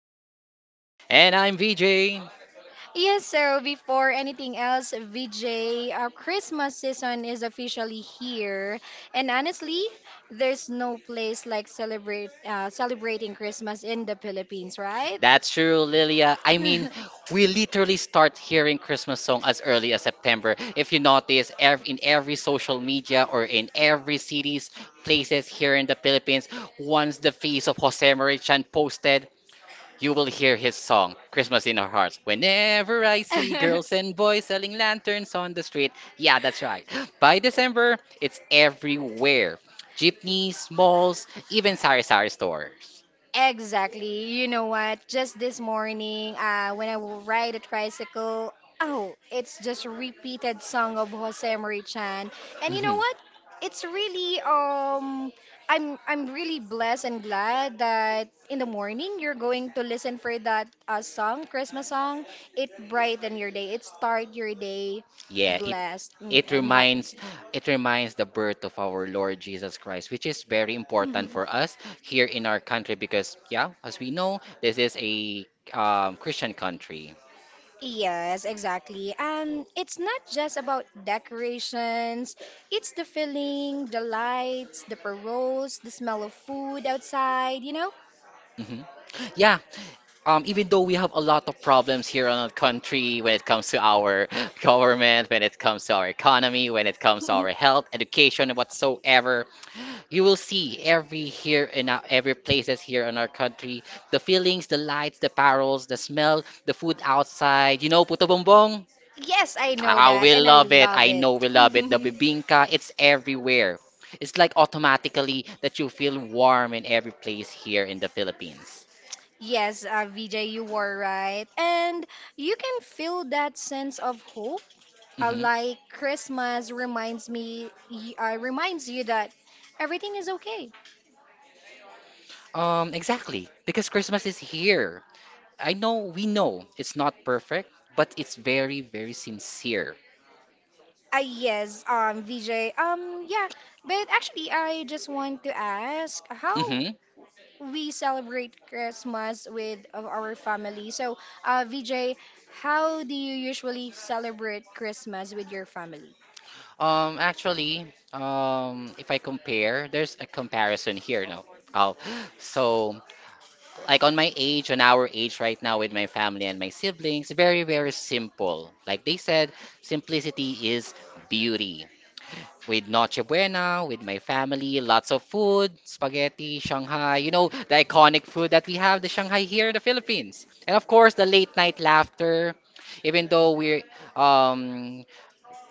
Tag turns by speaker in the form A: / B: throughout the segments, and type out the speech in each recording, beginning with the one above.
A: Lilia.
B: And I'm VJ.
A: Yes, so before anything else, VJ, our Christmas season is officially here, and honestly, there's no place like celebrate celebrating Christmas in the Philippines, right?
B: That's true, Lilia. I mean, we literally start hearing Christmas song as early as September. If you notice, in every social media or in every cities, places here in the Philippines, once the face of Jose Marichan posted, you will hear his song, Christmas in Our Hearts. Whenever I see girls and boys selling lanterns on the street. Yeah, that's right. By December, it's everywhere. Jeepneys, malls, even sari-sari stores.
A: Exactly. You know what? Just this morning, when I will ride a tricycle, oh, it's just a repeated song of Jose Marie-chan. And you know what? It's really I'm really blessed and glad that in the morning you're going to listen for that song, Christmas song. It brighten your day. It start your day
B: Yeah,
A: blessed,
B: it
A: and happy.
B: reminds it reminds the birth of our Lord Jesus Christ, which is very important
A: Mm-hmm.
B: for us here in our country because yeah, as we know, this is a Christian country.
A: Yes, exactly. And it's not just about decorations, it's the feeling, the lights, the paroles, the smell of food outside.
B: Hmm. Yeah, even though we have a lot of problems here in our country when it comes to our government, when it comes to our economy, when it comes to our health, education, and whatsoever, you will see every here in our, every places here in our country the feelings, the lights, the parols, the smell, the food outside. You know, puto bongbong.
A: Yes, I know
B: Ah,
A: that,
B: we
A: and I
B: love it.
A: love
B: I
A: it.
B: know we love it. The bibingka, it's everywhere. It's like automatically that you feel warm in every place here in the Philippines.
A: Yes, Vijay, you were right. And you can feel that sense of hope. Like Christmas reminds you that everything is okay.
B: Exactly, because Christmas is here. I know we know it's not perfect, but it's very, very sincere.
A: Yes, VJ. Um, yeah, but actually, I just want to ask how
B: Hmm?
A: we celebrate Christmas with of our family. So, VJ, how do you usually celebrate Christmas with your family?
B: Actually, if I compare, there's a comparison here now. Oh, so like on my age, on our age right now with my family and my siblings, very, very simple. Like they said, simplicity is beauty. With Noche Buena, with my family, lots of food, spaghetti, Shanghai, you know, the iconic food that we have, the Shanghai here in the Philippines. And of course, the late night laughter, even though um,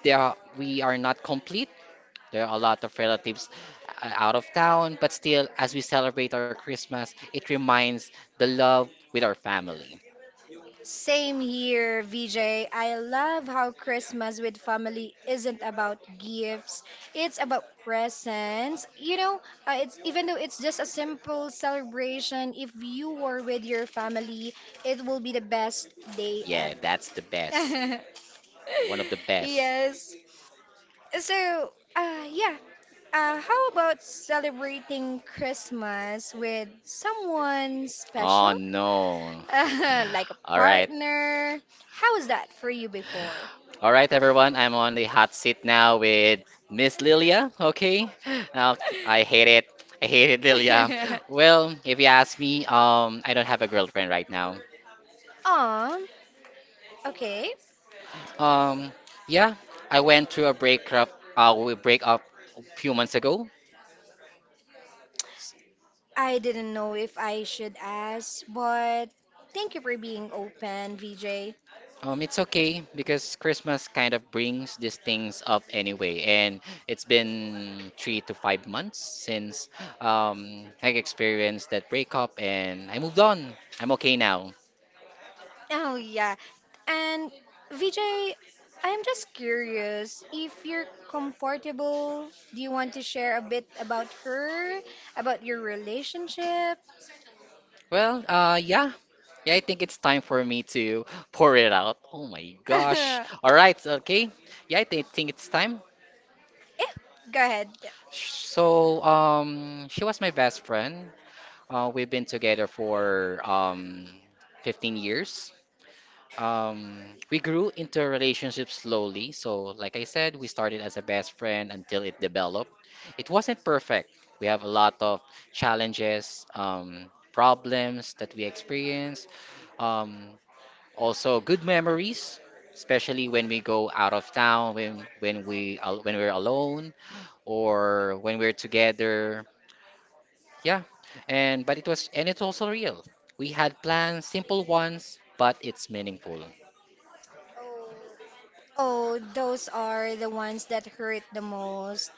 B: there are, we are not complete, there are a lot of relatives out of town, but still, as we celebrate our Christmas, it reminds the love with our family.
A: Same here, VJ. I love how Christmas with family isn't about gifts. It's about presents. It's even though it's just a simple celebration, if you are with your family, it will be the best day
B: Yeah,
A: ever.
B: that's the best. One of the best.
A: Yes. So, yeah. How about celebrating Christmas with someone
B: Oh
A: special?
B: no.
A: Like a
B: All right.
A: partner. How was that for you before?
B: All right, everyone, I'm on the hot seat now with Miss Lilia. Okay, now I hate it. I hate it, Lilia. Well, if you ask me, I don't have a girlfriend right now.
A: Um, okay.
B: Um, yeah, I went through a breakup. We break up a few months ago.
A: I didn't know if I should ask, but thank you for being open, VJ.
B: It's okay because Christmas kind of brings these things up anyway, and it's been 3 to 5 months since I experienced that breakup, and I moved on. I'm okay now.
A: Oh, yeah. And VJ, I'm just curious if you're comfortable, do you want to share a bit about her, about your relationship?
B: Well, yeah, yeah, I think it's time for me to pour it out. Oh my god.
A: Yeah,
B: All right, okay. Yeah, I think it's time.
A: go ahead.
B: So, she was my best friend. We've been together for 15 years. Um, we grew into a relationship slowly. So, like I said, we started as a best friend until it developed. It wasn't perfect. We have a lot of challenges, problems that we experience. Um, Also, good memories, especially when we go out of town, when we're alone or when we're together. Yeah, and but it was and it's also real. We had plans, simple ones, but it's meaningful.
A: Oh, those are the ones that hurt the most.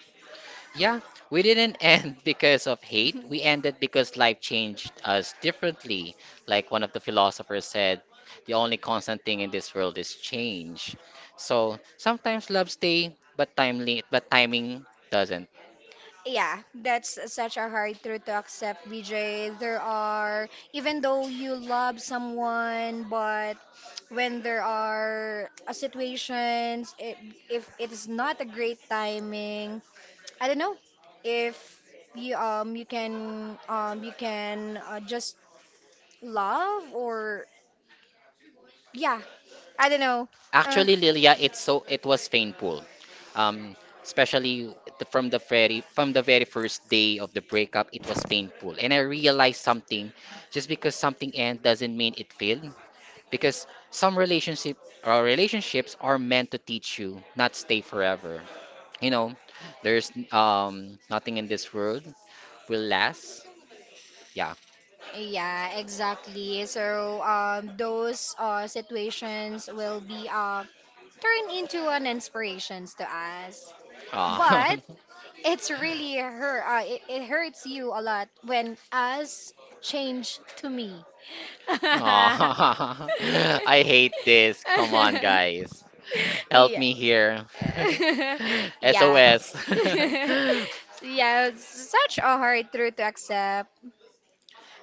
B: Yeah, we didn't end because of hate. We ended because life changed us differently. Like one of the philosophers said, the only constant thing in this world is change. So sometimes love stay, but timely, but timing doesn't.
A: Yeah, that's such a hard truth to accept, BJ. There are, even though you love someone, but when there are situations, if it is not a great timing, I don't know if you can you can just love or yeah, I don't know. uh,
B: So it was painful, um, especially from the very first day of the breakup. It was painful, and I realized something. Just because something end doesn't mean it failed, because some relationship or relationships are meant to teach you, not stay forever, you know. There's nothing in this world will last. Yeah.
A: Yeah, exactly. So those situations will be turned into an inspirations to us.
B: Aw.
A: But it's really her. It hurts you a lot when us change to me. Yeah.
B: Aw. I hate this, guys, help me here.
A: Yeah.
B: SOS. And
A: Yeah, it's such a hard truth to accept.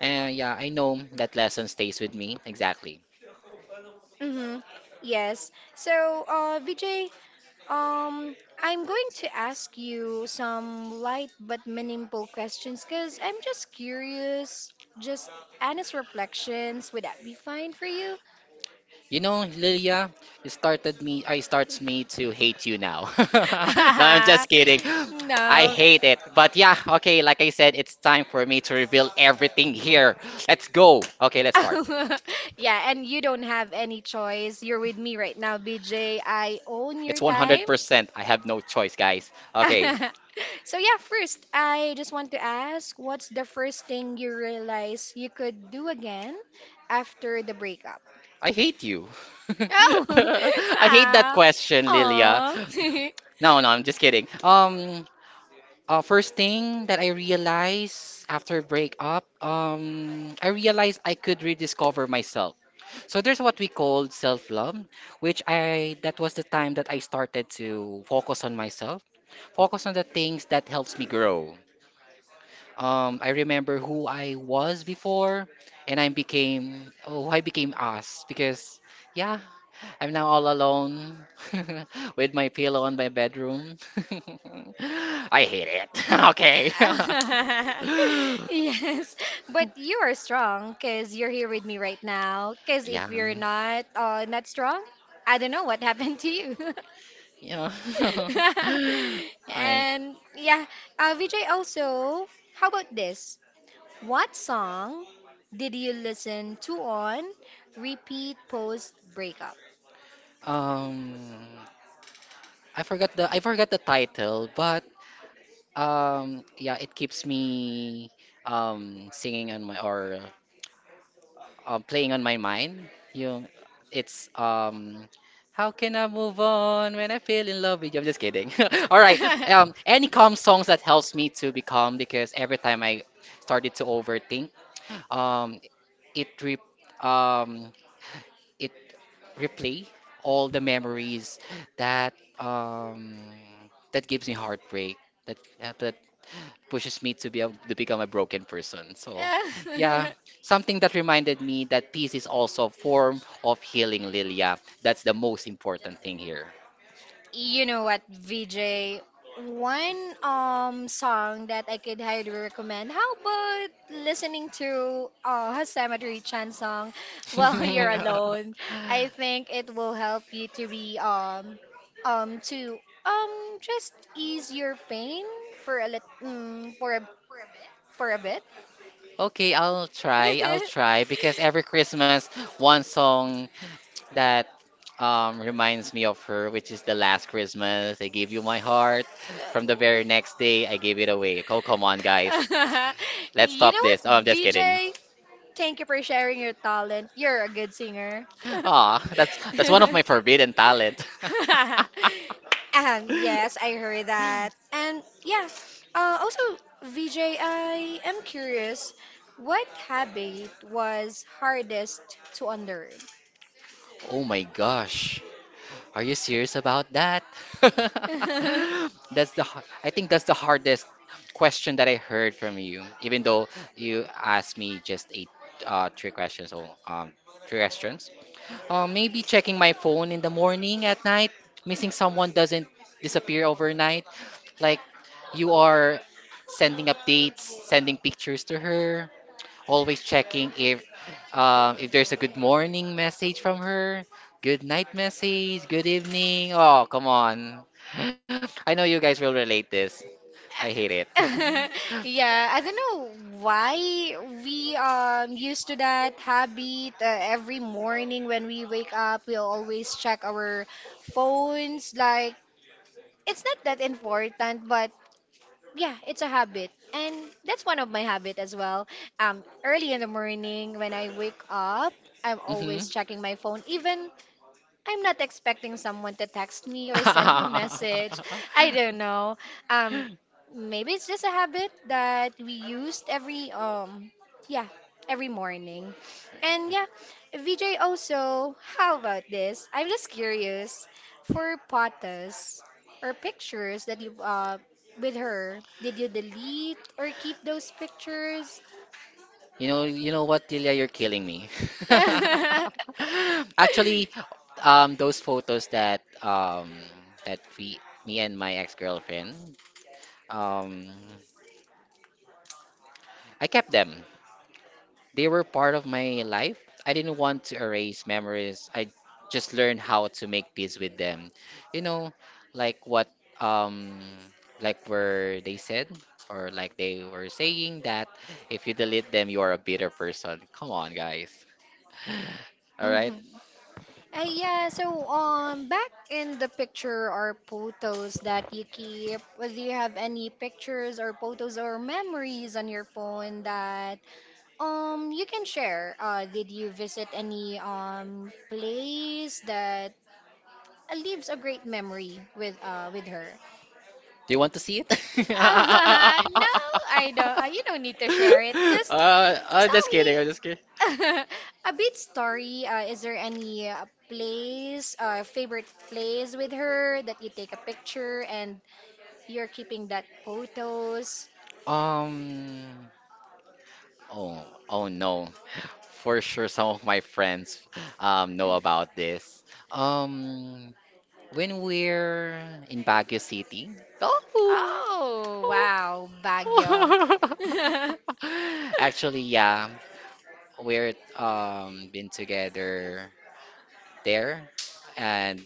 B: yeah, I know that lesson stays with me. Exactly.
A: Mm-hmm. Yes. So, Vijay, um, I'm going to ask you some light but meaningful questions because I'm just curious, just honest reflections. Would that be fine for you?
B: You know, Lilia, it started me I starts me to hate you now. No, I'm just kidding. I
A: No.
B: hate it. But yeah, okay, like I said, it's time for me to reveal everything here. Let's go. Okay, let's
A: Yeah, and you don't have any choice. You're with me right now, BJ. I own your time.
B: percent. I have no choice, guys.
A: So yeah, first, I just want to ask, what's the first thing you realize you could do again after the breakup?
B: I hate you.
A: Oh, ah,
B: Question.
A: aw.
B: No, no, I'm just kidding. First thing that I realized after breakup, I realized I could rediscover myself. So there's what we call self-love, which I that was the time that I started to focus on myself, focus on the things that helps me grow. I remember who I was before, and I became I became us because yeah, I'm now all alone with my pillow on my bedroom. I hate it. Okay.
A: Yes, but you are strong because you're here with me right now. Because if you're not, not strong, I don't know what happened to you.
B: You know.
A: And yeah, Vijay also, how about this? What song did you listen to on repeat post breakup?
B: Um, I forgot the title, but yeah, it keeps me singing on my or playing on my mind. You, it's how can I move on when I feel in love with you? I'm just kidding. All right. Any calm songs that helps me to be calm because every time I started to overthink, um, it re um it replay all the memories that um that gives me heartbreak that pushes me to to become a broken person. So yeah, something that reminded me that peace is also a form of healing, Lilia. That's the most important thing here.
A: You know what, VJ? One song that I could highly recommend. How about listening to Hosamatori Chan song while you're alone? I think it will help you to be to just ease your pain for a for a for a bit.
B: Okay, I'll try. I'll try because every Christmas, one song that reminds me of her, which is the last Christmas. I gave you my heart. From the very next day, I gave it away. Oh, come on, guys. Let's
A: You
B: stop.
A: know what, VJ? Thank you for sharing your talent. You're a good singer. um,
B: Ah, that's one of my forbidden talent.
A: yes, I heard that. And yeah, uh, also, VJ, I am curious, what habit was hardest to unlearn?
B: Oh my gosh. Are you serious about that? I think that's the hardest question that I heard from you, even though you asked me just eight three questions or three questions. Maybe checking my phone in the morning at night, missing someone doesn't disappear overnight. Like you are sending updates, sending pictures to her, always checking if there's a good morning message from her, good night message, good evening. Oh, come on. I know you guys will relate this. I hate it.
A: Yeah, I don't know why we used to that habit. Every morning when we wake up, we'll always check our phones. Like it's not that important, but yeah, it's a habit, and that's one of my habit as well. Early in the morning when I wake up, I'm always checking my phone, even I'm not expecting someone to text me or send me message. I don't know. Um, maybe it's just a habit that we used every yeah, every morning. And yeah, VJ also, how about this? I'm just curious for photos or pictures that you with her. Did you delete or keep those pictures?
B: You know what, Delia, you're killing me. Actually, those photos that that we me and my ex-girlfriend, um I kept them. They were part of my life. I didn't want to erase memories. I just learned how to make peace with them. You know, like what um like were they said, or like they were saying, that if you delete them you are a bitter person. Come on, guys. All right.
A: Mhm. Yeah, so back in the picture are photos that you keep. Do you have any pictures or photos or memories on your phone that you can share? Did you visit any place that leaves a great memory with her?
B: Do you want to see it?
A: Uh, no, I don't. You don't need to share it. Just
B: I'm
A: tell
B: just
A: me
B: kidding. I'm just kidding.
A: a bit story. Is there any place, favorite place with her that you take a picture and you're keeping that photos?
B: Um, oh, oh no. For sure some of my friends know about this. Um, When we're in Baguio City. Oh!
A: Oh, wow, Baguio.
B: Actually, yeah, we're been together there, and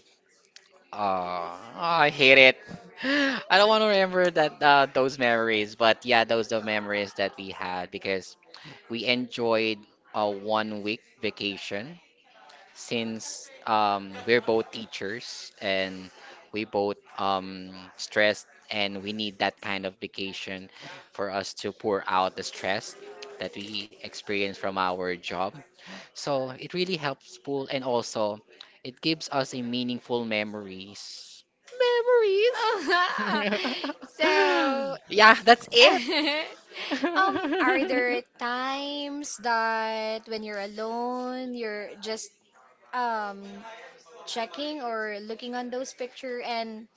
B: I hate it. I don't want to remember that those memories, but yeah, those the memories that we had because we enjoyed a 1 week vacation since we're both teachers and we both stressed, and we need that kind of vacation for us to pour out the stress that we experience from our job. So it really helps pull, and also it gives us a meaningful memories. Memories.
A: So,
B: Yeah, that's it.
A: are there times that when you're alone, you're just um checking or looking on those picture and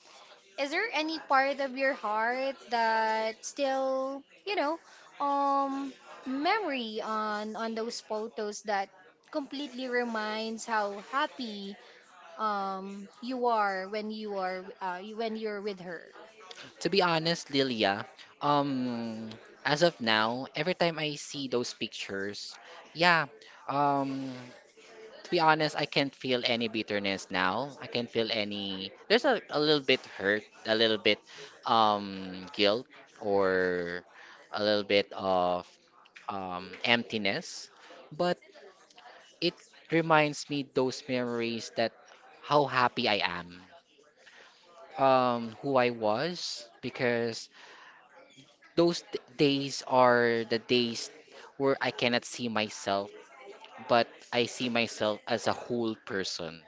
A: is there any part of your heart that still, you know, um memory on those photos that completely reminds how happy you are when you are when you're with her?
B: To be honest, Lilia, um, as of now, every time I see those pictures, yeah, um, to be honest, I can't feel any bitterness now. I can't feel any. There's a little bit hurt, a little bit guilt, or a little bit of emptiness. But it reminds me those memories that how happy I am, who I was, because those days are the days where I cannot see myself, but I see myself as a whole person.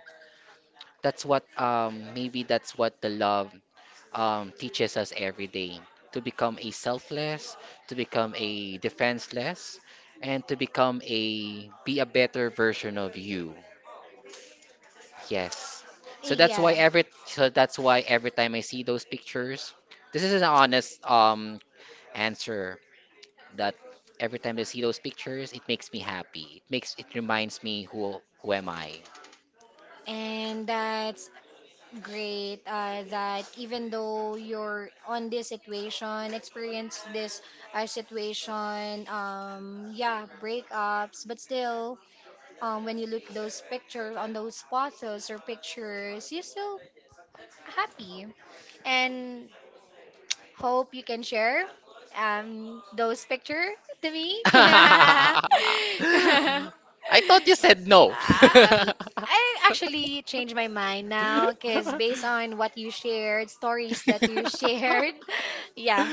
B: That's what maybe that's what the love teaches us every day, to become a selfless, to become a defenseless, and to become a be a better version of you. Yes. So that's why
A: Yeah.
B: every so that's why every time I see those pictures, this is an honest answer that every time I see those pictures, it makes me happy. It reminds me who am I.
A: And that's great that even though you're on this situation, experience this situation, yeah, breakups, but still, when you look those pictures on those photos or pictures, you're still happy. And hope you can share those picture to me.
B: I thought you said no.
A: Um, I actually changed my mind now because based on what you shared, stories that you shared, yeah,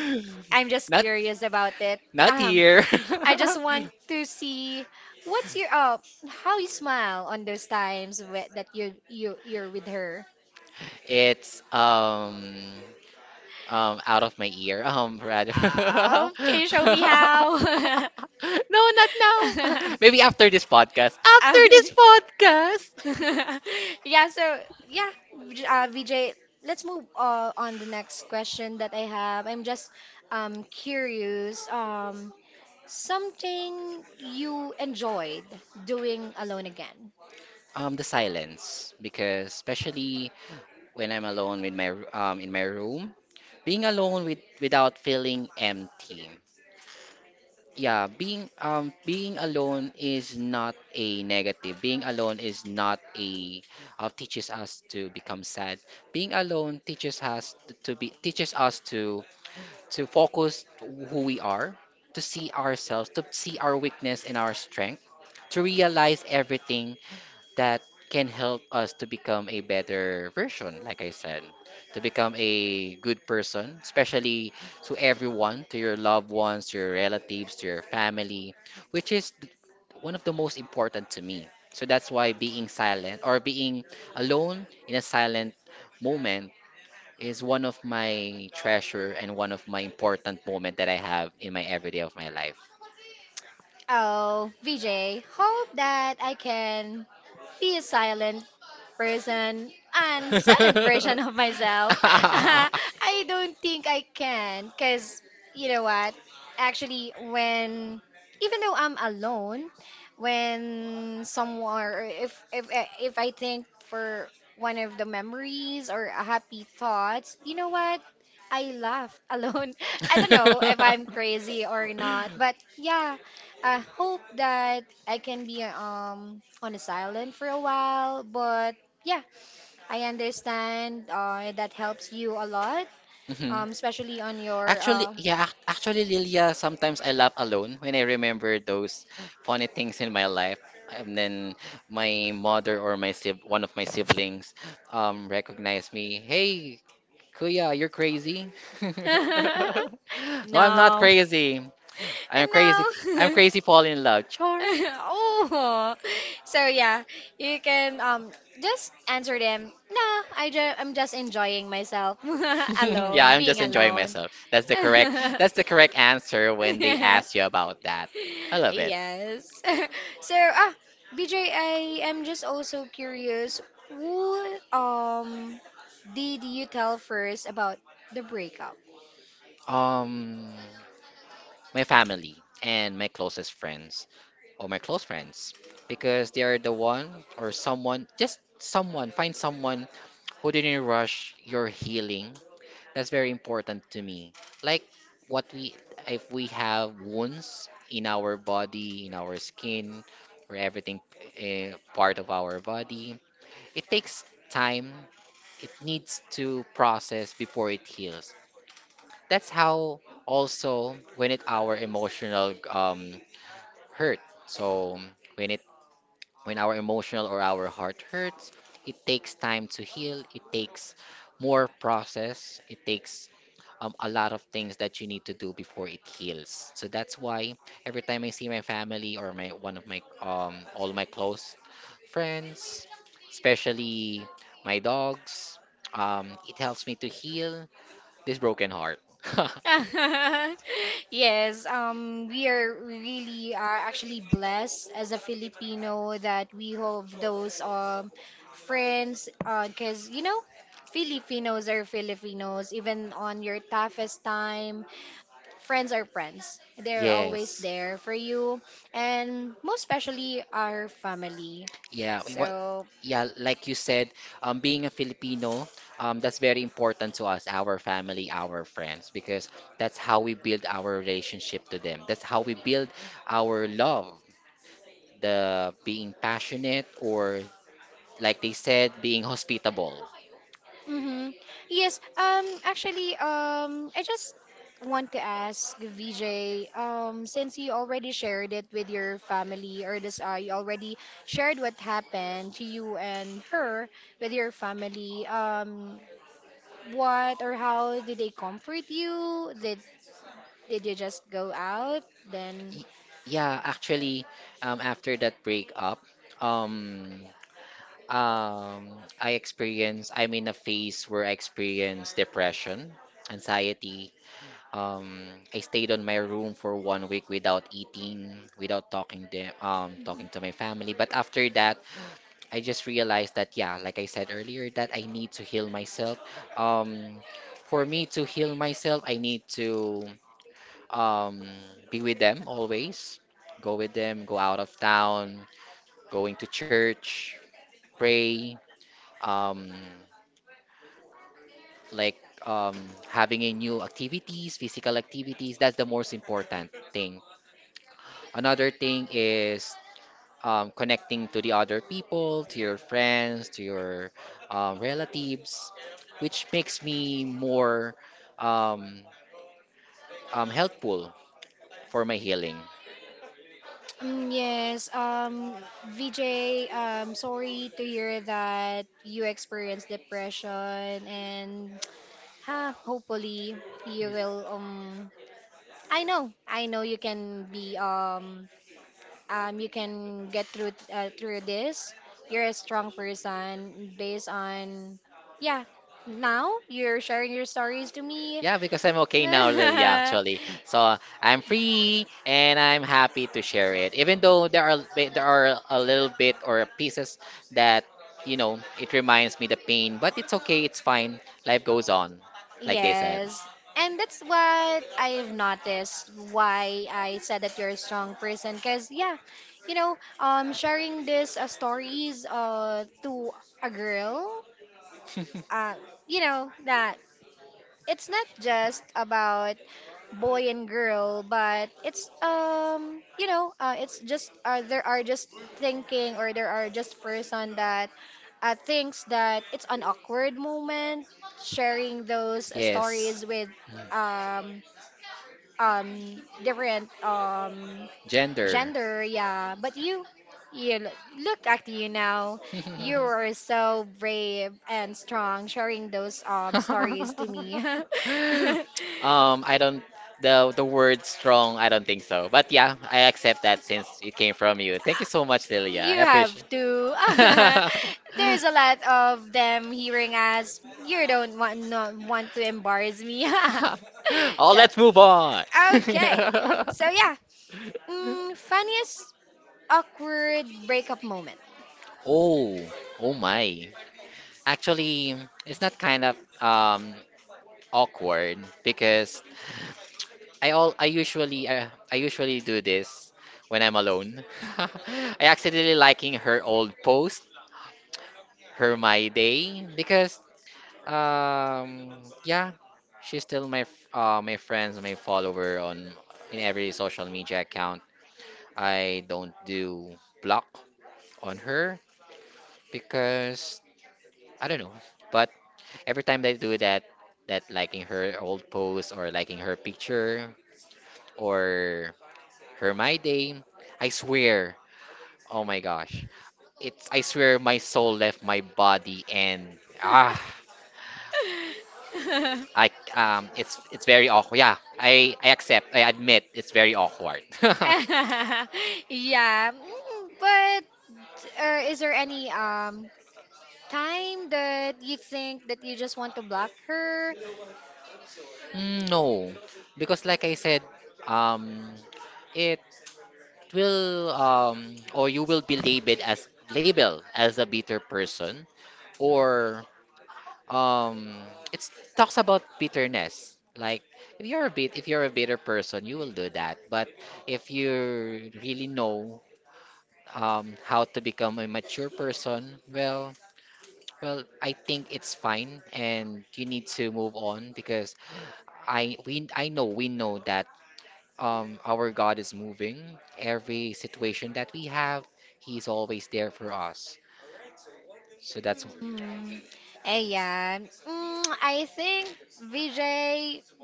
A: I'm just curious about it. Um,
B: Here,
A: I just want to see what's your how you smile on those times that you're with her.
B: it's out of my ear. Rather.
A: Can you show me how?
B: No, not now. Maybe after this podcast. After this podcast.
A: Yeah, so yeah, Vijay, let's move on the next question that I have. I'm just curious, something you enjoyed doing alone again.
B: The silence, because especially when I'm alone with in my room, being alone with, without feeling empty. Yeah, being alone is not a negative. Being alone is not a teaches us to become sad. Being alone teaches us to to focus who we are, to see ourselves, to see our weakness and our strength, to realize everything that can help us to become a better version, like I said, to become a good person, especially to everyone, to your loved ones, to your relatives, to your family, which is th- one of the most important to me. So that's why being silent or being alone in a silent moment is one of my treasure and one of my important moment that I have in my everyday of my life.
A: Oh, VJ, hope that I can be a silent person and silent version of myself. I don't think I can because you know what? Actually, when even though I'm alone, when someone or if I think for one of the memories or a happy thoughts, you know what? I laughed alone. I don't know if I'm crazy or not, but yeah, I hope that I can be on a silent for a while, but yeah, I understand that helps you a lot, especially on your
B: Actually, yeah, actually, Lilia, sometimes I laugh alone when I remember those funny things in my life. And then my mother or my sib one of my siblings recognized me. Hey, Kuya, you're crazy. No, I'm not
A: No.
B: crazy. I'm
A: No.
B: crazy falling in love. Char.
A: Oh, so yeah, you can just answer them. No, I'm just enjoying myself
B: Yeah,
A: alone,
B: I'm
A: being
B: just enjoying
A: alone.
B: myself. That's the correct answer when they ask you about that. I love
A: Yes. So, ah, BJ, I am just also curious, what did you tell first about the breakup?
B: Um my family and my closest friends. Or my close friends because they are the one, or someone find someone who didn't rush your healing. That's very important to me. Like what we, if we have wounds in our body, in our skin, or everything, part of our body, it takes time. It needs to process before it heals. That's how also when it our emotional hurt. So when it, when our emotional or our heart hurts, it takes time to heal. It takes more process. It takes a lot of things that you need to do before it heals. So that's why every time I see my family or my one of my all my close friends, especially my dogs, it helps me to heal this broken heart.
A: Yes, we are really are actually blessed as a Filipino that we have those friends 'cause you know Filipinos are Filipinos even on your toughest time, friends are friends. They're always there for you, and most especially our family.
B: Yeah,
A: So,
B: yeah, like you said, being a Filipino, that's very important to us, our family, our friends, because that's how we build our relationship to them. That's how we build our love, the being passionate, or like they said, being hospitable.
A: mm-hmm. Yes. Actually, I just want to ask VJ. Since you already shared it with your family, or this, you already shared what happened to you and her with your family. What or how did they comfort you? Did you just go out then?
B: Y- Yeah, actually, after that breakup, um, um, I experienced, I'm in a phase where I experience depression, anxiety. Um, I stayed on my room for 1 week without eating, without talking to, talking to my family. But after that, I just realized that, yeah, like I said earlier, that I need to heal myself. Um, for me to heal myself, I need to um, be with them always, go with them, go out of town, going to church, pray, um, like um, having a new activities, physical activities. That's the most important thing. Another thing is connecting to the other people, to your friends, to your relatives, which makes me more um, helpful for my healing.
A: Yes, VJ, sorry to hear that you experienced depression and ha, hopefully you will I know you can be you can get through through this. You're a strong person based on yeah, now you're sharing your stories to me.
B: Yeah, because I'm okay now, literally. So I'm free and I'm happy to share it. Even though there are a little bit or pieces that you know it reminds me the pain, but it's okay, it's fine. Life goes on, like they said.
A: Yes. And that's what I've noticed why I said that you're a strong person cuz yeah, you know, sharing this stories to a girl, uh you know, that it's not just about boy and girl, but it's you know it's just there are just thinking or there are just person that thinks that it's an awkward moment sharing those stories with um different
B: Gender.
A: gender, yeah. But you, you l- look at you now. You are so brave and strong, sharing those stories to me.
B: I don't the word strong, I don't think so. But yeah, I accept that since it came from you. Thank you so much, Lilia.
A: You have to. There's a lot of them hearing us. You don't want not want to embarrass me.
B: Oh,
A: So
B: let's move on.
A: okay. So yeah. Mm, funniest awkward breakup moment.
B: Oh, oh my. Actually, it's not kind of um awkward because I usually do this when I'm alone. I accidentally liking her old post, her My Day, because um yeah, she's still my friends, my follower on in every social media account. I don't do block on her because I don't know. But every time that I do that, that liking her old post or liking her picture or her My Day, I swear, oh my gosh, it's I swear my soul left my body and ah I it's very awkward. Yeah, I accept. I admit it's very awkward.
A: Yeah. But is there any time that you think that you just want to block her?
B: Mm, no, because like I said, um, it will or you will be labeled as a bitter person, or um it talks about bitterness. Like if you're a bitter person, you will do that. But if you really know how to become a mature person, well, I think it's fine, and you need to move on because I know we know that our God is moving. Every situation that we have, He's always there for us. So that's
A: Mm. Ayan. Mm, I think VJ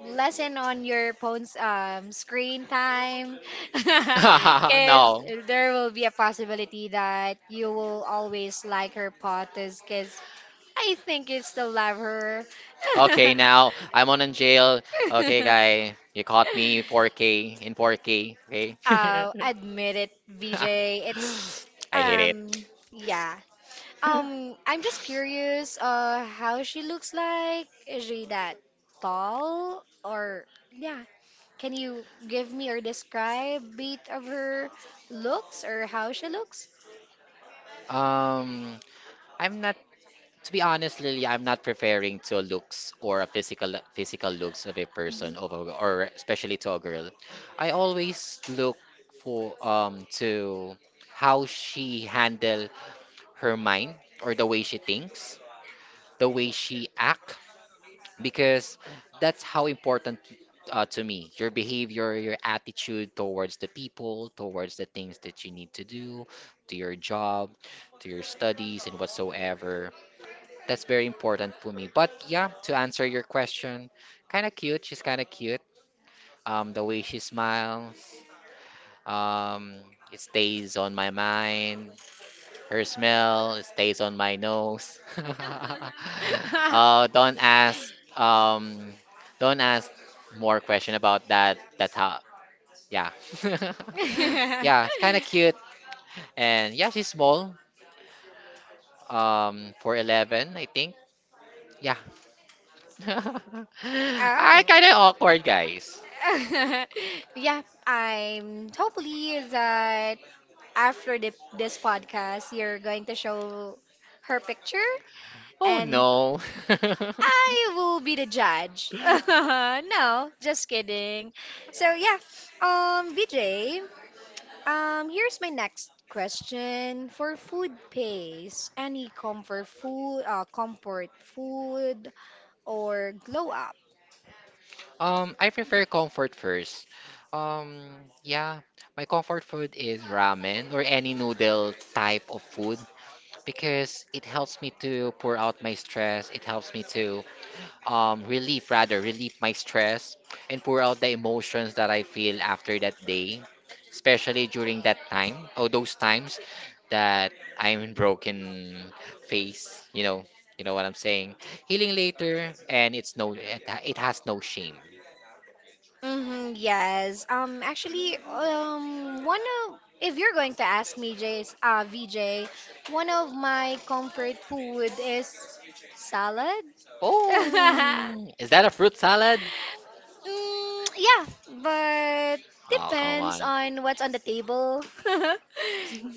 A: lessen on your phone's screen time because
B: oh,
A: there will be a possibility that you will always like her potas because I think you still love her.
B: okay. Now I'm on in jail. Okay, guy, you caught me 4K in 4K. Okay,
A: Oh, admit it, VJ. It's um
B: bet.
A: yeah. Um, I'm just curious how she looks like. Is she that tall or yeah. Can you give me or describe a bit of her looks or how she looks?
B: Um, I'm not. To be honest, Lily, I'm not preferring to looks or a physical looks of a
A: Mhm.
B: person or especially to a girl. I always look for to how she handle her mind or the way she thinks, the way she act, because that's how important to me. Your behavior, your attitude towards the people, towards the things that you need to do, to your job, to your studies and whatsoever, that's very important for me. But yeah, to answer your question, kind of cute. She's kind of cute. The way she smiles, um, it stays on my mind. Her smell, it stays on my nose. Uh, don't ask. Don't ask more question about that. That's how. Yeah. Yeah, it's kind of cute. And yeah, she's small. 4'11", I think. Yeah. I
A: Oh.
B: kind of awkward, guys.
A: Yeah, I'm hopefully that after this podcast, you're going to show her picture
B: Oh
A: and
B: no.
A: I will be the judge. No, just kidding. So yeah, VJ, here's my next question for food pace. Any comfort food or glow up?
B: I prefer comfort first. Um, yeah, my comfort food is ramen or any noodle type of food because it helps me to pour out my stress. It helps me to relieve my stress and pour out the emotions that I feel after that day, especially during that time or those times that I'm in broken face, you know what I'm saying. Healing later, and it's no, it has no shame.
A: Mm-hmm, yes. One of if you're going to ask me, Jay's, VJ, one of my comfort food is salad.
B: Oh, is that a fruit salad?
A: Mm, yeah, but depends on what's on the table.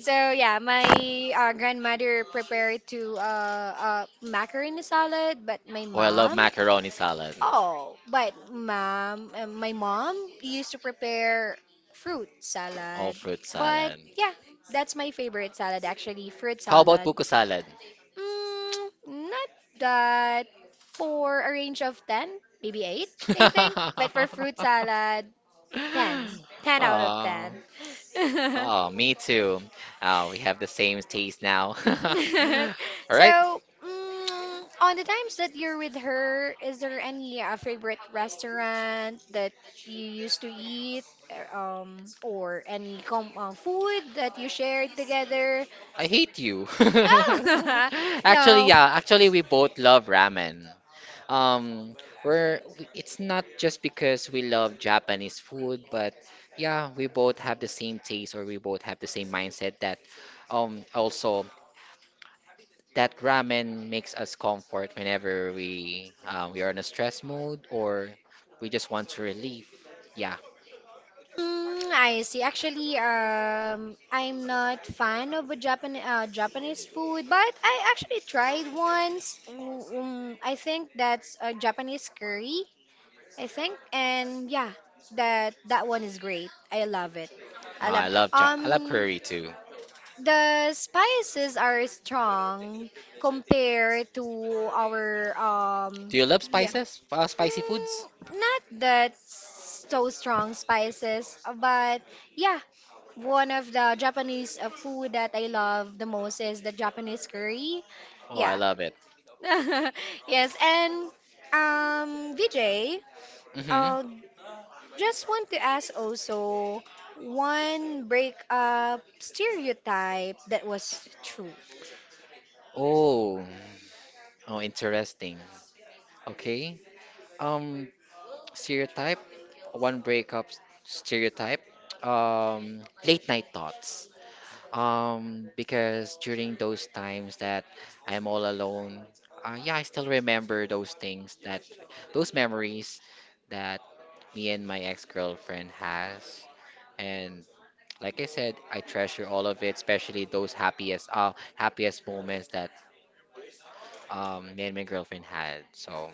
A: So yeah, my grandmother prepared to macaroni salad, but my
B: Oh, I love
A: mom.
B: macaroni salad.
A: Oh, but my mom used to prepare fruit
B: Oh,
A: salad.
B: fruit
A: But
B: salad.
A: yeah, that's my favorite salad actually, fruit
B: How about
A: salad.
B: buko salad?
A: Mm, not that for a range of 10, maybe 8, I think. But for fruit salad, 10. 10 out of
B: Ah,
A: 10.
B: oh, me too. Oh, we have the same taste now. All
A: So, mm, on the times that you're with her, is there any favorite restaurant that you used to eat, or any com food that you shared together?
B: I hate you.
A: Oh,
B: Actually,
A: no.
B: yeah, actually we both love ramen. Um, it's not just because we love Japanese food, but yeah, we both have the same taste or we both have the same mindset that also that ramen makes us comfort whenever we are in a stress mode or we just want to relieve. Yeah,
A: Mm, I see. Actually, I'm not fan of a Japanese food, but I actually tried once. I think that's a Japanese curry. I think, and yeah, that one is great. I love it.
B: no,
A: I love
B: I love
A: um
B: curry too.
A: the spices are strong compared to our
B: Do you love
A: yeah.
B: spices? Spicy
A: Mm,
B: foods?
A: not that so strong spices, but yeah, one of the Japanese food that I love the most is the Japanese curry.
B: Oh, I
A: Yeah.
B: love it.
A: Yes, and VJ,
B: Mm-hmm.
A: uh, just want to ask also one breakup stereotype that was true.
B: Oh, oh, interesting. Okay. Um, stereotype. One breakup s- stereotype. Um, late night thoughts. Because during those times that I'm all alone, yeah, I still remember those things that, those memories that me and my ex-girlfriend has. And like I said, I treasure all of it, especially those happiest moments that me and my girlfriend had. So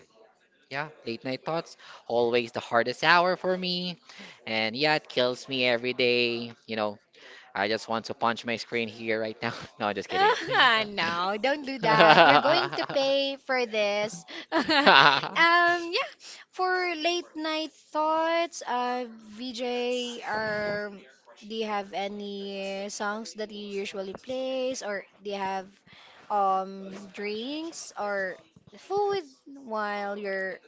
B: yeah, late night thoughts, always the hardest hour for me. And yeah, it kills me every day. You know, I just want to punch my screen here right now. No, just kidding.
A: Ah, no, don't do that. We're going to pay for this. um, yeah, for late night thoughts, VJ, are do you have any songs that you usually plays, or do you have drinks or food while you're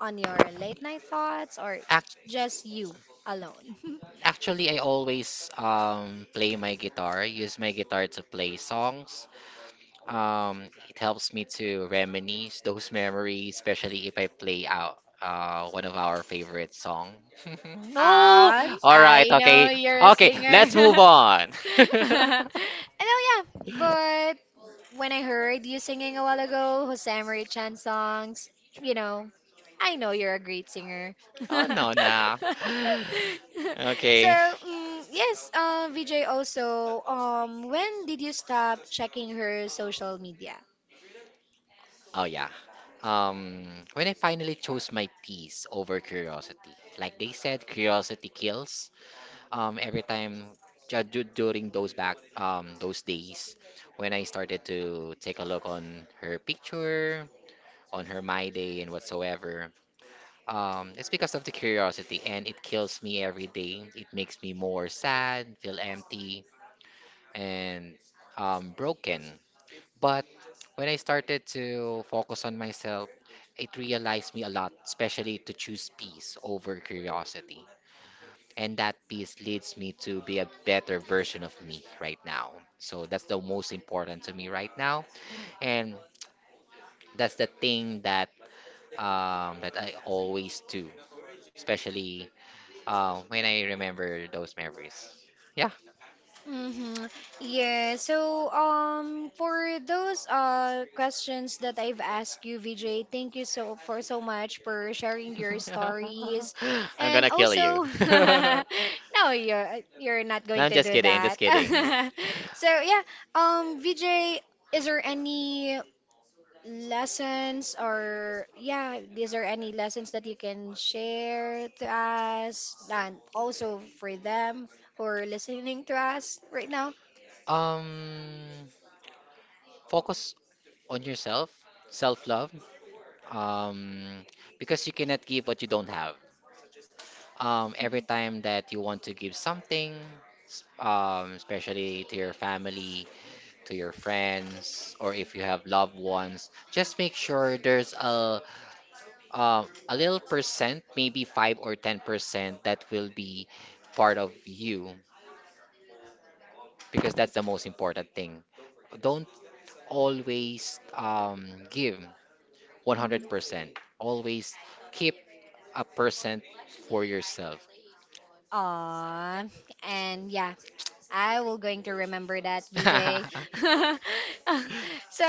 A: on your late night thoughts or
B: Act
A: just you alone?
B: actually I always play my guitar, use my guitar to play songs. It helps me to reminisce those memories, especially if I play out one of our favorite song. No.
A: And
B: All right.
A: I know
B: Okay.
A: you're a
B: Okay.
A: singer.
B: Let's
A: And
B: move on.
A: oh yeah, but when I heard you singing a while ago, Jose Marie Chan songs, you know, I know you're a great singer. So
B: No, nah. Okay.
A: mm, yes, Vijay also, when did you stop checking her social media?
B: Oh yeah. Um, when I finally chose my peace over curiosity, like they said, curiosity kills. Um, every time during those back those days when I started to take a look on her picture, on her My Day and whatsoever, it's because of the curiosity and it kills me every day. It makes me more sad, feel empty, and broken. But when I started to focus on myself, it realized me a lot, especially to choose peace over curiosity, and that peace leads me to be a better version of me right now. So that's the most important to me right now, and that's the thing that that I always do, especially when I remember those memories. Yeah.
A: Mm-hmm. Yeah. So, for those questions that I've asked you, VJ, thank you for so much for sharing your stories,
B: I'm
A: and
B: gonna
A: also, no, you're not going to do that. So yeah, VJ, is there any lessons or yeah, these are any lessons that you can share to us and also for them who are listening to us right now.
B: um focus on yourself, self-love, um because you cannot give what you don't have. Every
A: Mhm.
B: time that you want to give something, especially to your family, to your friends, or if you have loved ones, just make sure there's a little percent, maybe 5 or 10 percent, that will be part of you because that's the most important thing. Don't always give
A: Mhm.
B: 100%. Always keep a percent for yourself.
A: Aw, and yeah, I will going to remember that, VJ. So,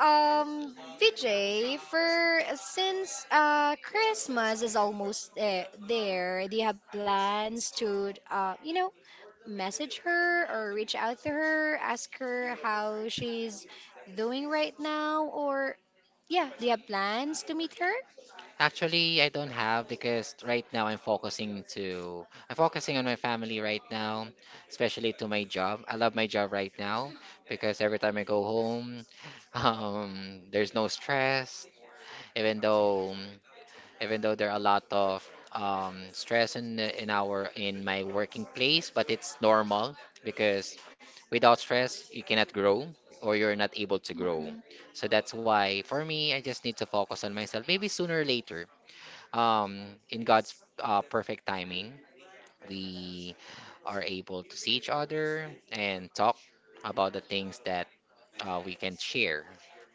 A: um, VJ, for since Christmas is almost there, do you have plans to you know message her or reach out to her, ask her how she's doing right now, or yeah, do you have plans to meet her?
B: Actually, I don't have because right now I'm focusing on my family right now, especially to my job. I love my job right now because every time I go home, there's no stress. Even though even though there are a lot of stress in my working place, but it's normal because without stress you cannot grow or you're not able to grow.
A: Mhm.
B: So that's why for me I just need to focus on myself. Maybe sooner or later in God's perfect timing, we are able to see each other and talk about the things that we can share.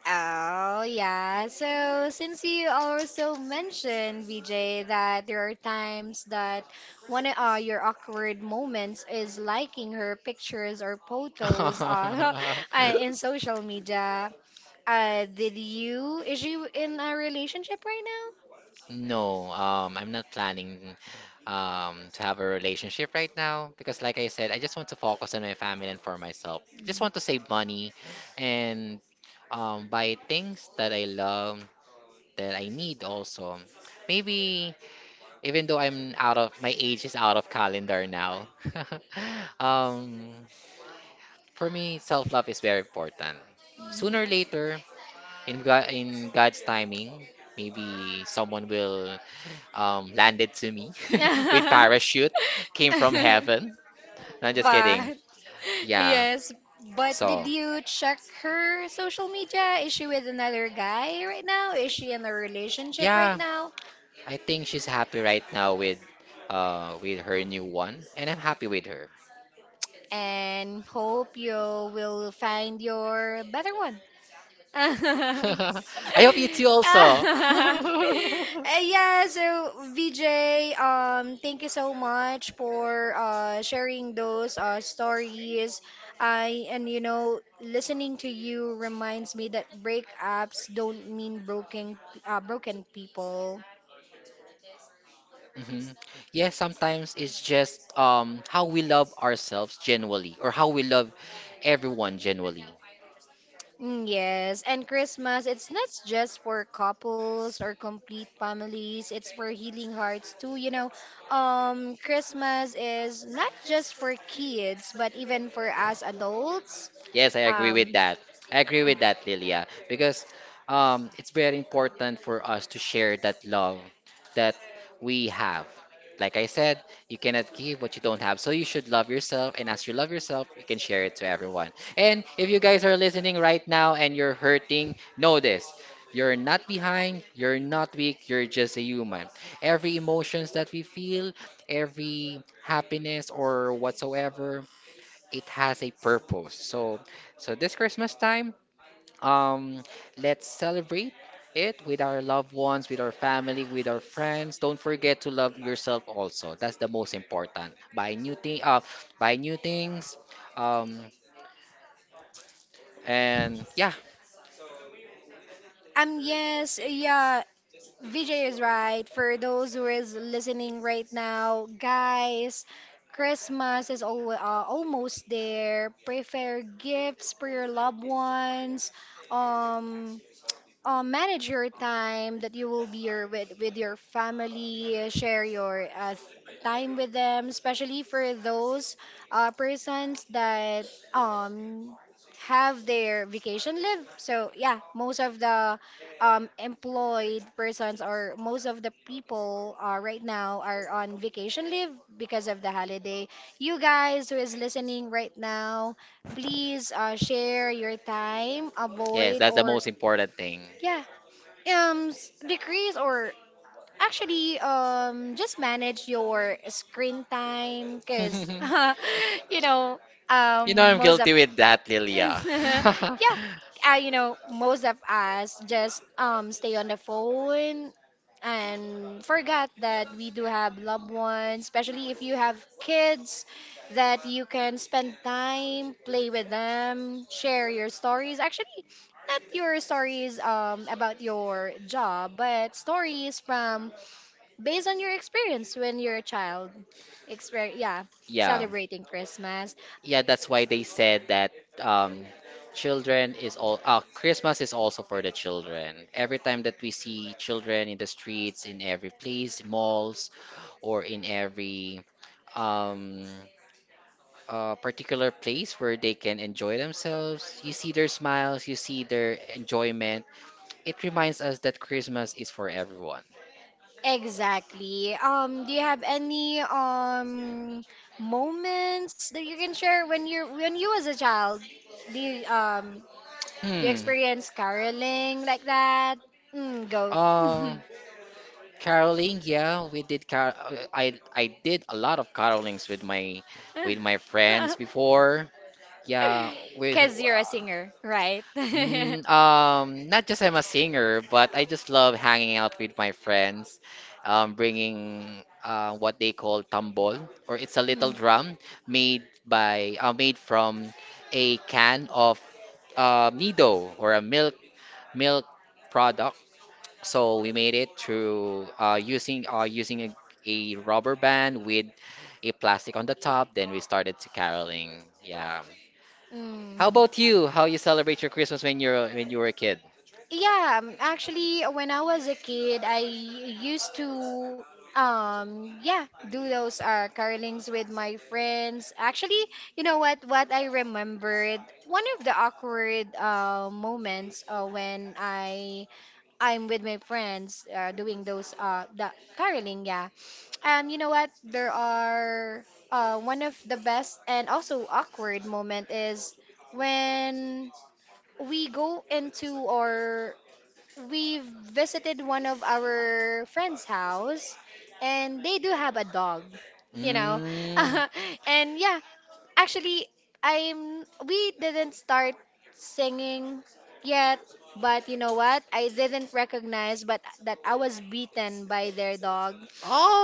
A: Oh, yeah. So, since you also mentioned, VJ, that there are times that one of your awkward moments is liking her pictures or photos, in social media. Is she in a relationship right now?
B: No, I'm not planning to have a relationship right now because, like I said, I just want to focus on my family and for myself. Just
A: Mhm.
B: want to save money and buy things that I love, that I need also. Maybe even though I'm out of my age is out of calendar now. um, for me, self-love is very important. Sooner or later, in God's timing, maybe someone will land it to me, with parachute, came from heaven. No, I'm kidding.
A: But
B: Yeah,
A: yes, but did you check her social media? Is she with another guy right now? Is she in a relationship
B: yeah.
A: right now?
B: I think she's happy right now with with her new one, and I'm happy with her.
A: And hope you will find your better one.
B: I hope you too.
A: Uh, yeah, so VJ, thank you so much for sharing those stories. I, and you know, listening to you reminds me that breakups don't mean broken people.
B: Hmm. Yeah, sometimes it's just how we love ourselves genuinely or how we love everyone genuinely.
A: Mm, yes, and Christmas, it's not just for couples or complete families, it's for healing hearts too, you know. Christmas is not just for kids, but even for us adults.
B: Yes, I agree with
A: Um,
B: that. I agree with that, Lilia, because it's very important for us to share that love, that we have. Like I said, you cannot give what you don't have. So you should love yourself. And as you love yourself, you can share it to everyone. And if you guys are listening right now and you're hurting, know this. You're not behind, you're not weak, you're just a human. Every emotions that we feel, every happiness or whatsoever, it has a purpose. So this Christmas time, um, let's celebrate it with our loved ones, with our family, with our friends. Don't forget to love yourself also. That's the most important. Buy new things. Um, and yeah,
A: yes, yeah, VJ is right. For those who is listening right now, guys, Christmas is al almost there. Prepare gifts for your loved ones. Um, manage your time that you will be with your family, share your time with them, especially for those persons that um have their vacation leave. So yeah, most of the employed persons or most of the people right now are on vacation leave because of the holiday. You guys who is listening right now, please share your time, avoid
B: that's the
A: or
B: most important thing.
A: yeah decrease or actually just manage your screen time because you know most of
B: With that, Lilia.
A: yeah, you know, most of us just stay on the phone and forgot that we do have loved ones, especially if you have kids that you can spend time, play with them, share your stories. Actually, not your stories about your job, but stories from based on your experience when you're a child. Exper Yeah,
B: Yeah,
A: celebrating Christmas.
B: yeah, that's why they said that um, children is all Christmas is also for the children. Every time that we see children in the streets, in every place, malls, or in every um, a particular place where they can enjoy themselves. You see their smiles, you see their enjoyment. It reminds us that Christmas is for everyone.
A: Exactly. Do you have any moments that you can share when you was a child? Do you um do you
B: Hmm.
A: experience caroling like that? Mm, go.
B: Uh, caroling, yeah, we did car I did a lot of carolings with my friends before. Yeah, we—
A: Cause you're a singer, right? Mm.
B: Not just I'm a singer, but I just love hanging out with my friends, bringing what they call tambol, or it's a little drum made by made from a can of Nido or a milk product. So we made it through using a rubber band with a plastic on the top. Then we started to caroling. Yeah. How
A: Mm.
B: about you? How you celebrate your Christmas when you were a kid?
A: Yeah, actually, when I was a kid, I used to, yeah, do those carolings with my friends. Actually, you know what? What I remembered, one of the awkward moments when I'm with my friends doing those the caroling, yeah. You know what? There are one of the best and also awkward moment is when we go into our we visited one of our friends' house, and they do have a dog, you know.
B: Hmm? Mm.
A: And yeah, actually, I'm we didn't start singing yet, but you know what? I didn't recognize, but that I was beaten by their dog.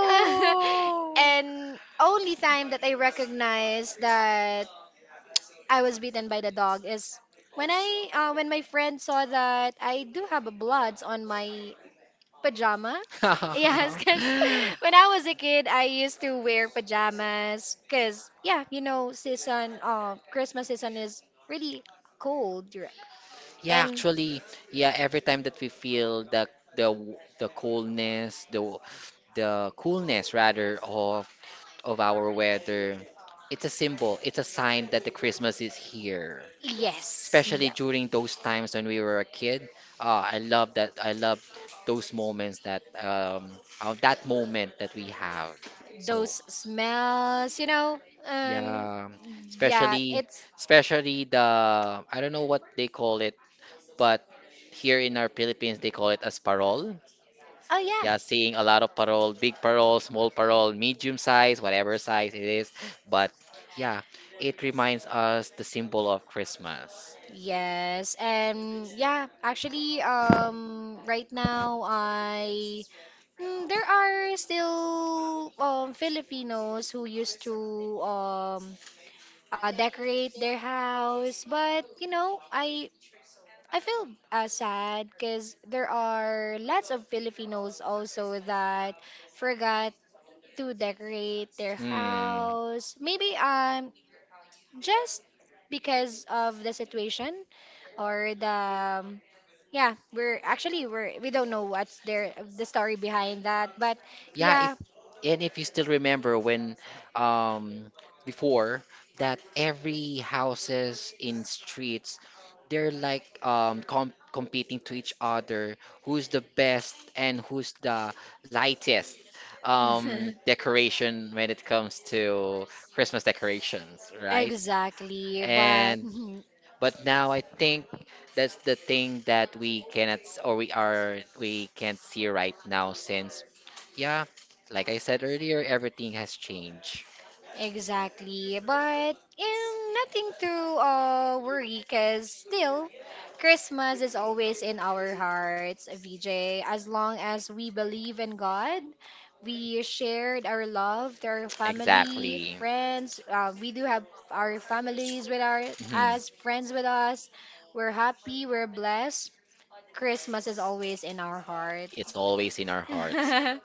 A: And only time that I recognized that I was bitten by the dog is when I when my friend saw that I do have a bloods on my pajama. Yes, because when I was a kid, I used to wear pajamas. Because yeah, you know, season Christmas season is really cold, right?
B: Yeah,
A: And
B: actually, yeah, every time that we feel the the coolness, the the coolness rather of our weather, it's a symbol, it's a sign that the Christmas is here.
A: yes,
B: Especially
A: yeah,
B: during those times when we were a kid. I love those moments that that moment that we have. So,
A: those smells, you know, um,
B: um especially
A: yeah, it's
B: especially the— I don't know what they call it, but here in our Philippines, they call it as parol.
A: oh yeah.
B: Yeah, seeing a lot of parol, big parol, small parol, medium size, whatever size it is. But yeah, it reminds us the symbol of Christmas.
A: Yes, and yeah, actually, right now I mm, there are still Filipinos who used to decorate their house, but you know, I feel sad because there are lots of Filipinos also that forgot to decorate their
B: Hmm.
A: house. Maybe just because of the situation or the yeah we're actually we're we don't know what's there the story behind that, but
B: Yeah, if—
A: yeah.
B: and if you still remember when um before, that every houses in streets, they're like competing to each other, who's the best and who's the lightest decoration when it comes to christmas decorations, right?
A: Exactly, but
B: And but now I think that's the thing that we cannot s- or we are— we can't see right now since, yeah, like I said earlier, everything has changed.
A: exactly, but nothing to worry, because still, Christmas is always in our hearts, VJ. As long as we believe in God, we shared our love to our family, friends. We do have our families with our as
B: Mhm.
A: friends with us. We're happy, we're blessed. Christmas is always in our heart.
B: It's always in our heart.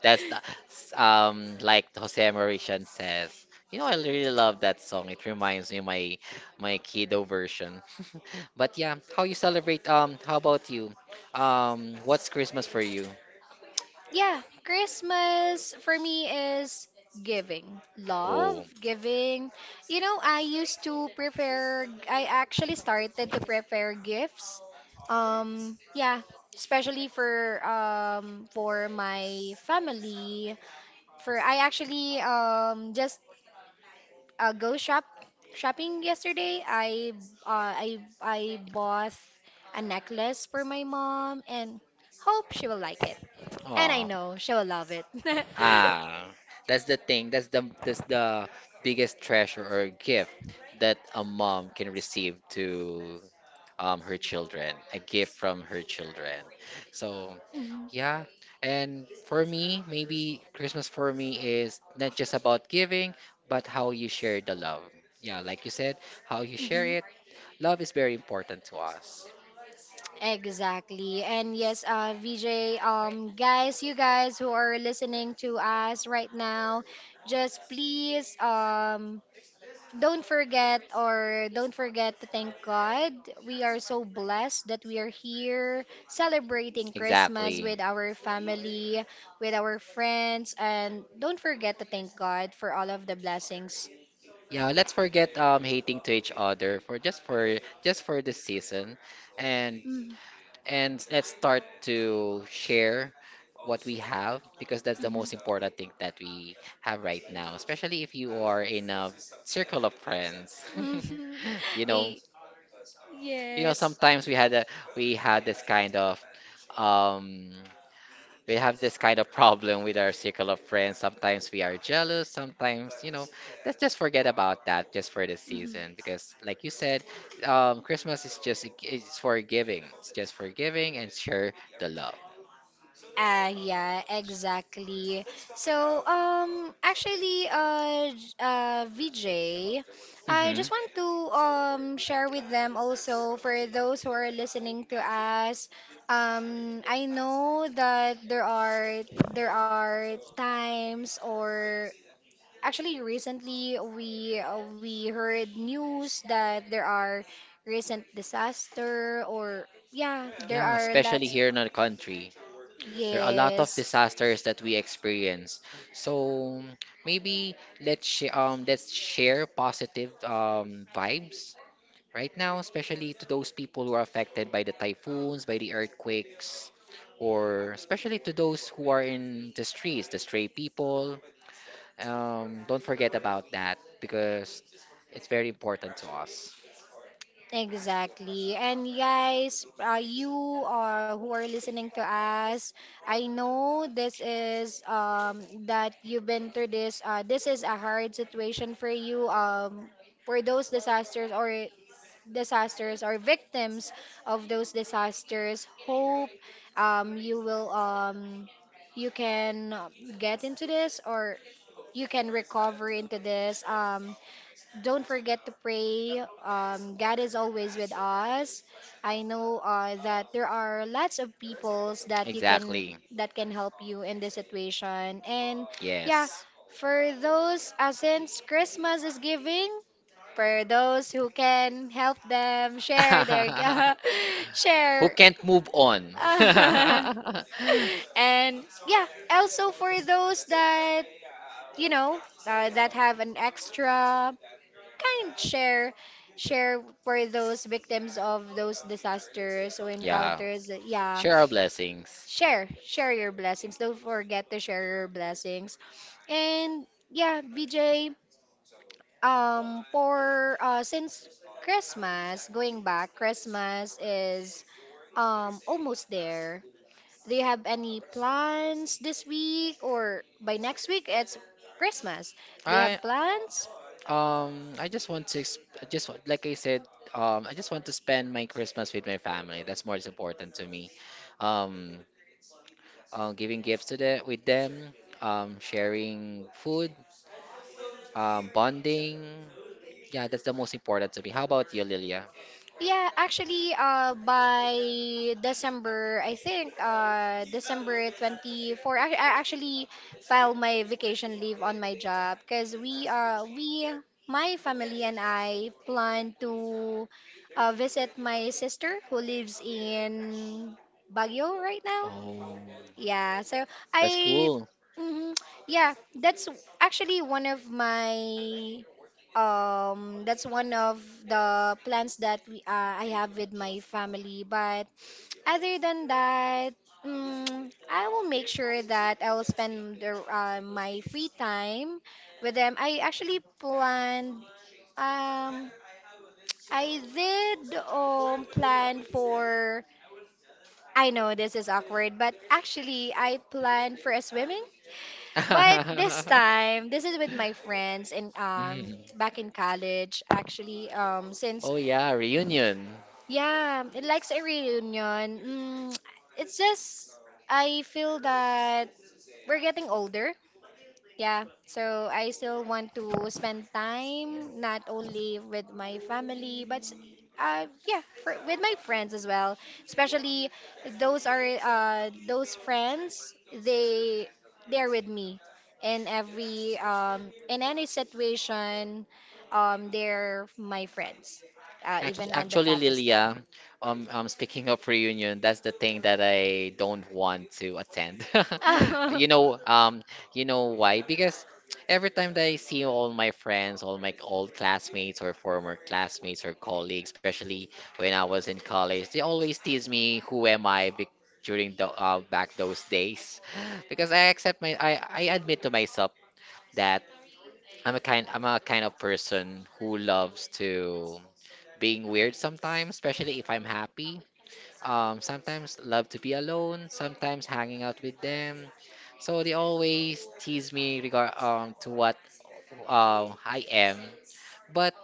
B: That's the s- like Jose Mauritian says. You know, I really love that song. It reminds me of my my kiddo version. But yeah, how you celebrate? How about you? What's Christmas for you?
A: Yeah, Christmas for me is giving love,
B: Oh.
A: giving. You know, I actually started to prepare gifts. Yeah, especially for my family. For I actually just go shop shopping yesterday. I bought a necklace for my mom and hope she will like it. And I know she'll love it.
B: Ah, that's the thing. That's the biggest treasure or gift that a mom can receive to her children, a gift from her children. So,
A: Mhm.
B: yeah. And for me, maybe Christmas for me is not just about giving, but how you share the love. Yeah, like you said, how you share
A: Mhm.
B: it. Love is very important to us.
A: Exactly. And yes, VJ, guys, you guys who are listening to us right now, just please, don't forget to thank God. We are so blessed that we are here celebrating Christmas with our family, with our friends, and don't forget to thank God for all of the blessings.
B: Yeah, let's forget hating to each other for just for this season. And
A: Mm-hmm.
B: and let's start to share what we have because that's the most important thing that we have right now, especially if you are in a circle of friends.
A: Mhm.
B: You
A: Eh,
B: know, you know,
A: yes.
B: sometimes we had a— we had this kind of um we have this kind of problem with our circle of friends. Sometimes we are jealous, sometimes, you know, let's just forget about that just for this
A: Mhm.
B: season because like you said, Christmas is just— it's for giving. It's just for giving and share the love.
A: Ah, yeah, exactly. So, VJ, I just want to share with them also for those who are listening to us. I know that there are times or actually, recently we heard news that there are recent disaster or yeah, there are
B: Especially
A: lots.
B: here in our country, there are a lot of
A: Yes,
B: disasters that we experience. So maybe let's share positive vibes right now, especially to those people who are affected by the typhoons, by the earthquakes, or especially to those who are in the streets, the stray people. Don't forget about that because it's very important to us.
A: exactly. And guys, you who are listening to us, I know this is that you've been through this. This is a hard situation for you. For those disasters or victims of those disasters, hope you will you can get into this or you can recover into this, don't forget to pray, god is always with us. I know that there are lots of peoples that you can that can help you in this situation, and
B: Yeah.
A: yeah, for those since christmas is giving, for those who can help them share their
B: Who
A: share
B: can't move on?
A: and yeah, also for those that you know that have an extra kind, share for those victims of those disasters or encounters, yeah,
B: Here are blessings.
A: share your blessings, don't forget to share your blessings. And yeah, VJ, for since Christmas, going back, Christmas is almost there. Do you have any plans this week or by next week? It's Christmas. Do you
B: I
A: have plans?
B: I just want to exp- I just want- Like I said, I just want to spend my Christmas with my family. That's more important to me. Um Giving gifts to the, with them, sharing food, bonding. Yeah, that's the most important to me. How about you, Lilia?
A: Yeah, actually, by December, I think, December 24, I actually filed my vacation leave on my job because my family and I plan to visit my sister who lives in Baguio right now. Yeah, so I,
B: Cool.
A: mhm, yeah, that's actually that's one of the plans that I have with my family. But other than that, I will make sure that I will spend my free time with them. I actually planned, um, I did plan for I know this is awkward, but actually I planned for a swimming. But this time, this is with my friends and back in college, actually since
B: Yeah, reunion.
A: yeah, it likes a reunion. It's just I feel that we're getting older, yeah, so I still want to spend time not only with my family, but yeah, with my friends as well. Especially those are those friends. They're with me in every in any situation. They're my friends, even on the
B: Actually,
A: toughest time.
B: Lilia, speaking of reunion, that's the thing that I don't want to attend. You know, um, you know why? Because every time that I see all my friends, all my old classmates or former classmates or colleagues, especially when I was in college, they always tease me, "Who am I?" Be— during the back those days, because I accept my— I admit to myself that I'm a kind of person who loves to being weird sometimes, especially if I'm happy, sometimes love to be alone, sometimes hanging out with them. So they always tease me regard to what I am. But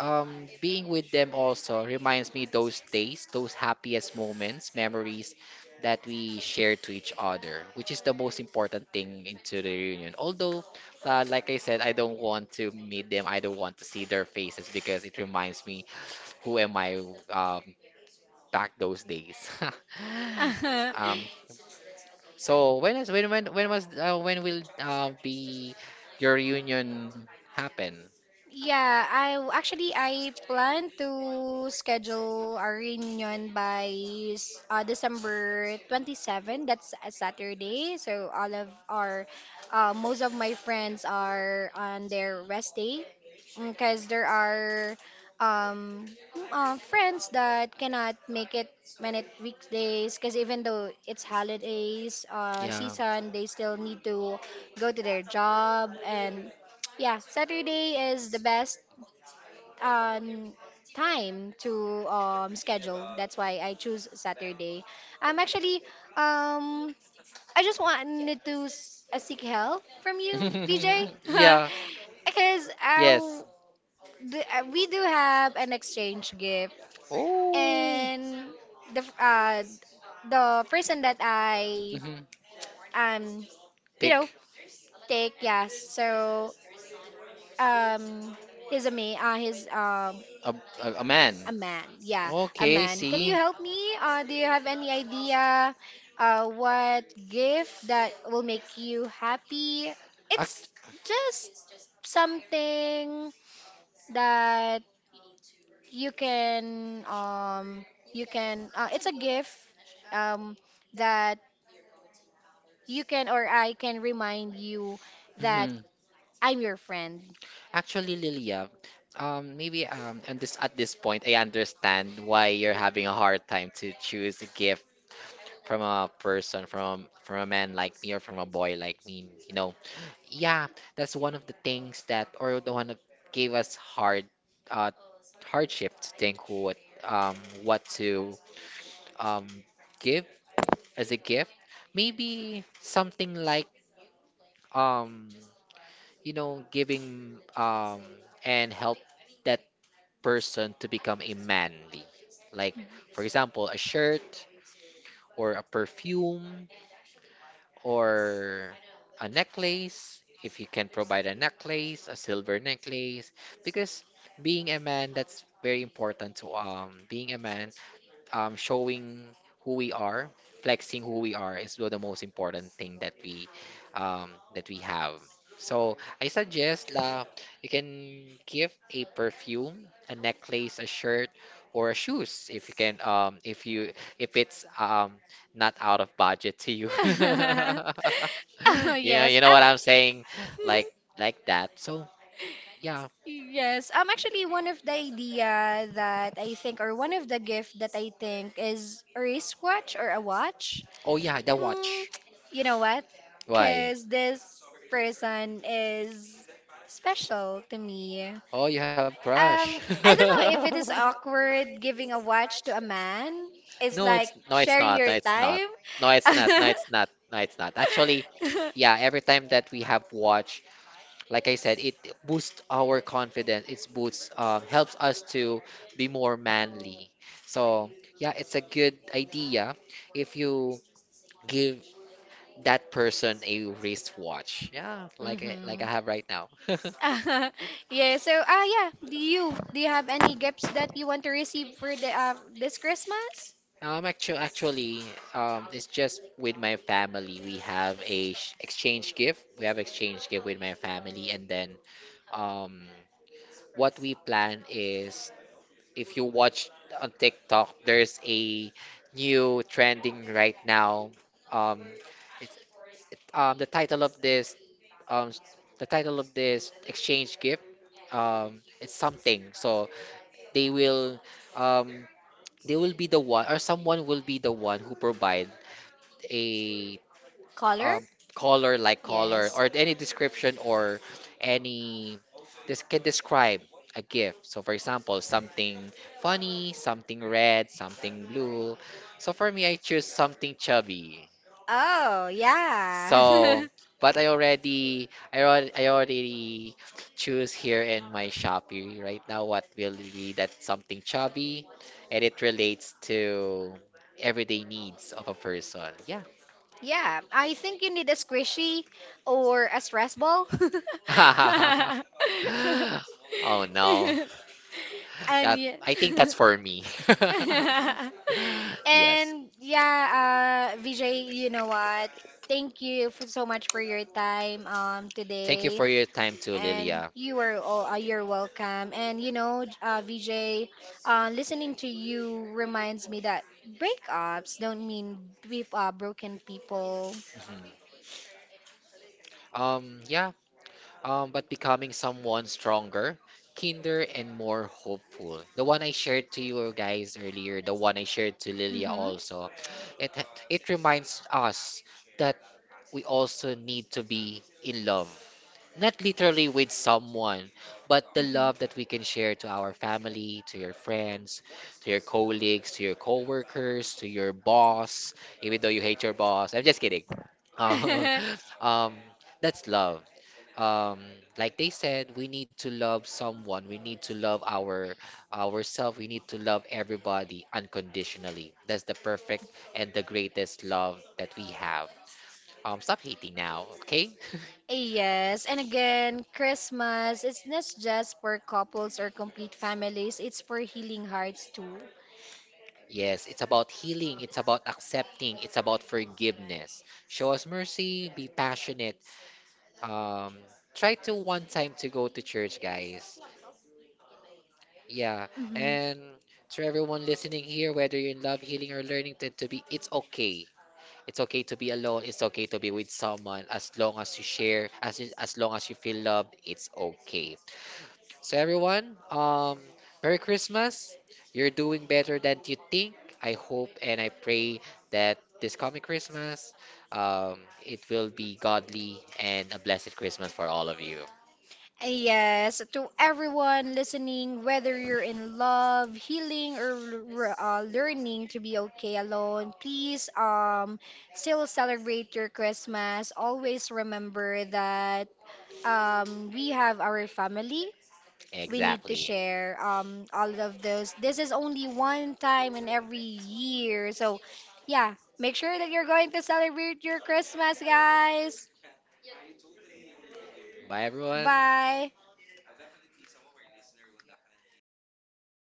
B: being with them also reminds me those days, those happiest moments, memories that we share to each other, which is the most important thing into the reunion. Although, like I said, I don't want to meet them. I don't want to see their faces because it reminds me who am I uh, back those days. Um, so when is when was when will be your reunion happen?
A: Yeah, actually I plan to schedule our reunion by December 27. That's a Saturday. So all of our most of my friends are on their rest day because there are friends that cannot make it when it weekdays, because even though it's holidays season, they still need to go to their job, and yeah, Saturday is the best um time to schedule. That's why I choose Saturday. Actually um I just wanted to seek help from you, VJ,
B: Yeah.
A: because we do have an exchange gift,
B: Oh.
A: and the f- uh the person that I
B: Mhm.
A: um you know, take yes. So um he's
B: A, a man.
A: a man, yeah, a
B: Okay,
A: man. Can you
B: see.
A: help me? Do you have any idea what gift that will make you happy?
B: Ac-
A: It's just something that you can it's a gift um that you can, or I can remind you that I'm your friend.
B: Actually, Lilia, maybe and this at this point, I understand why you're having a hard time to choose a gift from a person, from a man like me or from a boy like me. You know, yeah, that's one of the things that, or the one that gave us hard, uh, hardship to think um, what to, um, give as a gift. Maybe something like, um, you know, giving, and help that person to become a manly. Like, for example, a shirt or a perfume or a necklace, if you can provide a necklace, a silver necklace, because being a man, that's very important to being a man, showing who we are, flexing who we are is the most important thing that we have. So I suggest la— you can give a perfume, a necklace, a shirt, or a shoes if you can if you if it's not out of budget to you.
A: yes,
B: You know
A: I'm
B: what I'm saying, like like that. So yeah.
A: Yes, actually, one of the idea that I think, or one of the gift that I think is a wristwatch or a watch.
B: Oh yeah, the
A: Mm,
B: watch.
A: you know what?
B: Why?
A: Because this person is special to me.
B: Oh, you have—
A: I don't know if it is awkward giving a watch to a man. It's like sharing your time.
B: No, it's— it's not. No, it's not. Actually, yeah, every time that we have watch, like I said, it boosts our confidence. It boosts, helps us to be more manly. So yeah, it's a good idea if you give that person a wristwatch. Yeah, like
A: mm-hmm.
B: I have right now.
A: yeah. So ah yeah. Do you have any gifts that you want to receive for the this Christmas?
B: Actually, it's just with my family. We have a sh- exchange gift. We have exchange gift with my family, and then um, what we plan is if you watch on TikTok, there's a new trending right now. Um, it's, the title of this s- The title of this exchange gift, it's something. So they will um, they will be the one or someone will be the one who provide a
A: Color?
B: um, color, like color
A: Yes.
B: or any description or any— this can describe a gift. So for example, something funny, something red, something blue. So for me, I choose something chubby.
A: Oh
B: So—
A: yeah.
B: but I already I already, I already choose here in my Shopee right now what will be that something chubby and it relates to everyday needs of a person. Yeah.
A: yeah. I think you need a squishy or a stress ball.
B: Oh no.
A: and yeah.
B: I think that's for me. Thank
A: And yeah, Vijay, you know what? Thank you for so much for your time
B: you
A: today.
B: for your time too,
A: And
B: Lilia.
A: you are all you're welcome. And you know, Vijay, listening to you reminds me that breakups don't mean beef broken people.
B: Mhm. Yeah. But becoming someone stronger, kinder, and more hopeful. The one I shared to you guys earlier, the one I shared to Lilia
A: Mm-hmm.
B: also. It— it reminds us that we also need to be in love. Not literally with someone, but the love that we can share to our family, to your friends, to your colleagues, to your coworkers, to your boss, even though you hate your boss. I'm just kidding. Uh,
A: hmm.
B: um, that's love. Um, like they said, we need to love someone. We need to love our— ourselves. We need to love everybody unconditionally. That's the perfect and the greatest love that we have. Stop hating now, okay?
A: Yes, and again, Christmas is not just for couples or complete families, it's for healing hearts too.
B: Yes, it's about healing, it's about accepting, it's about forgiveness. Show us mercy, be passionate. Um, try to one time to go to church, guys. Yeah,
A: Hmm.
B: and to everyone listening here, whether you're in love, healing, or learning to be, it's okay. It's okay to be alone. It's okay to be with someone. As long as you share, as long as you feel loved, it's okay. So everyone, Merry Christmas. You're doing better than you think. I hope and I pray that this coming Christmas, um, it will be godly and a blessed Christmas for all of you.
A: Yes, to everyone listening, whether you're in love, healing, or learning to be okay alone, please still celebrate your Christmas. Always remember that we have our family, we need to
B: Exactly.
A: share all of those. This is only one time in every year. So yeah, make sure that you're going to celebrate your Christmas, guys.
B: Bye everyone.
A: Bye.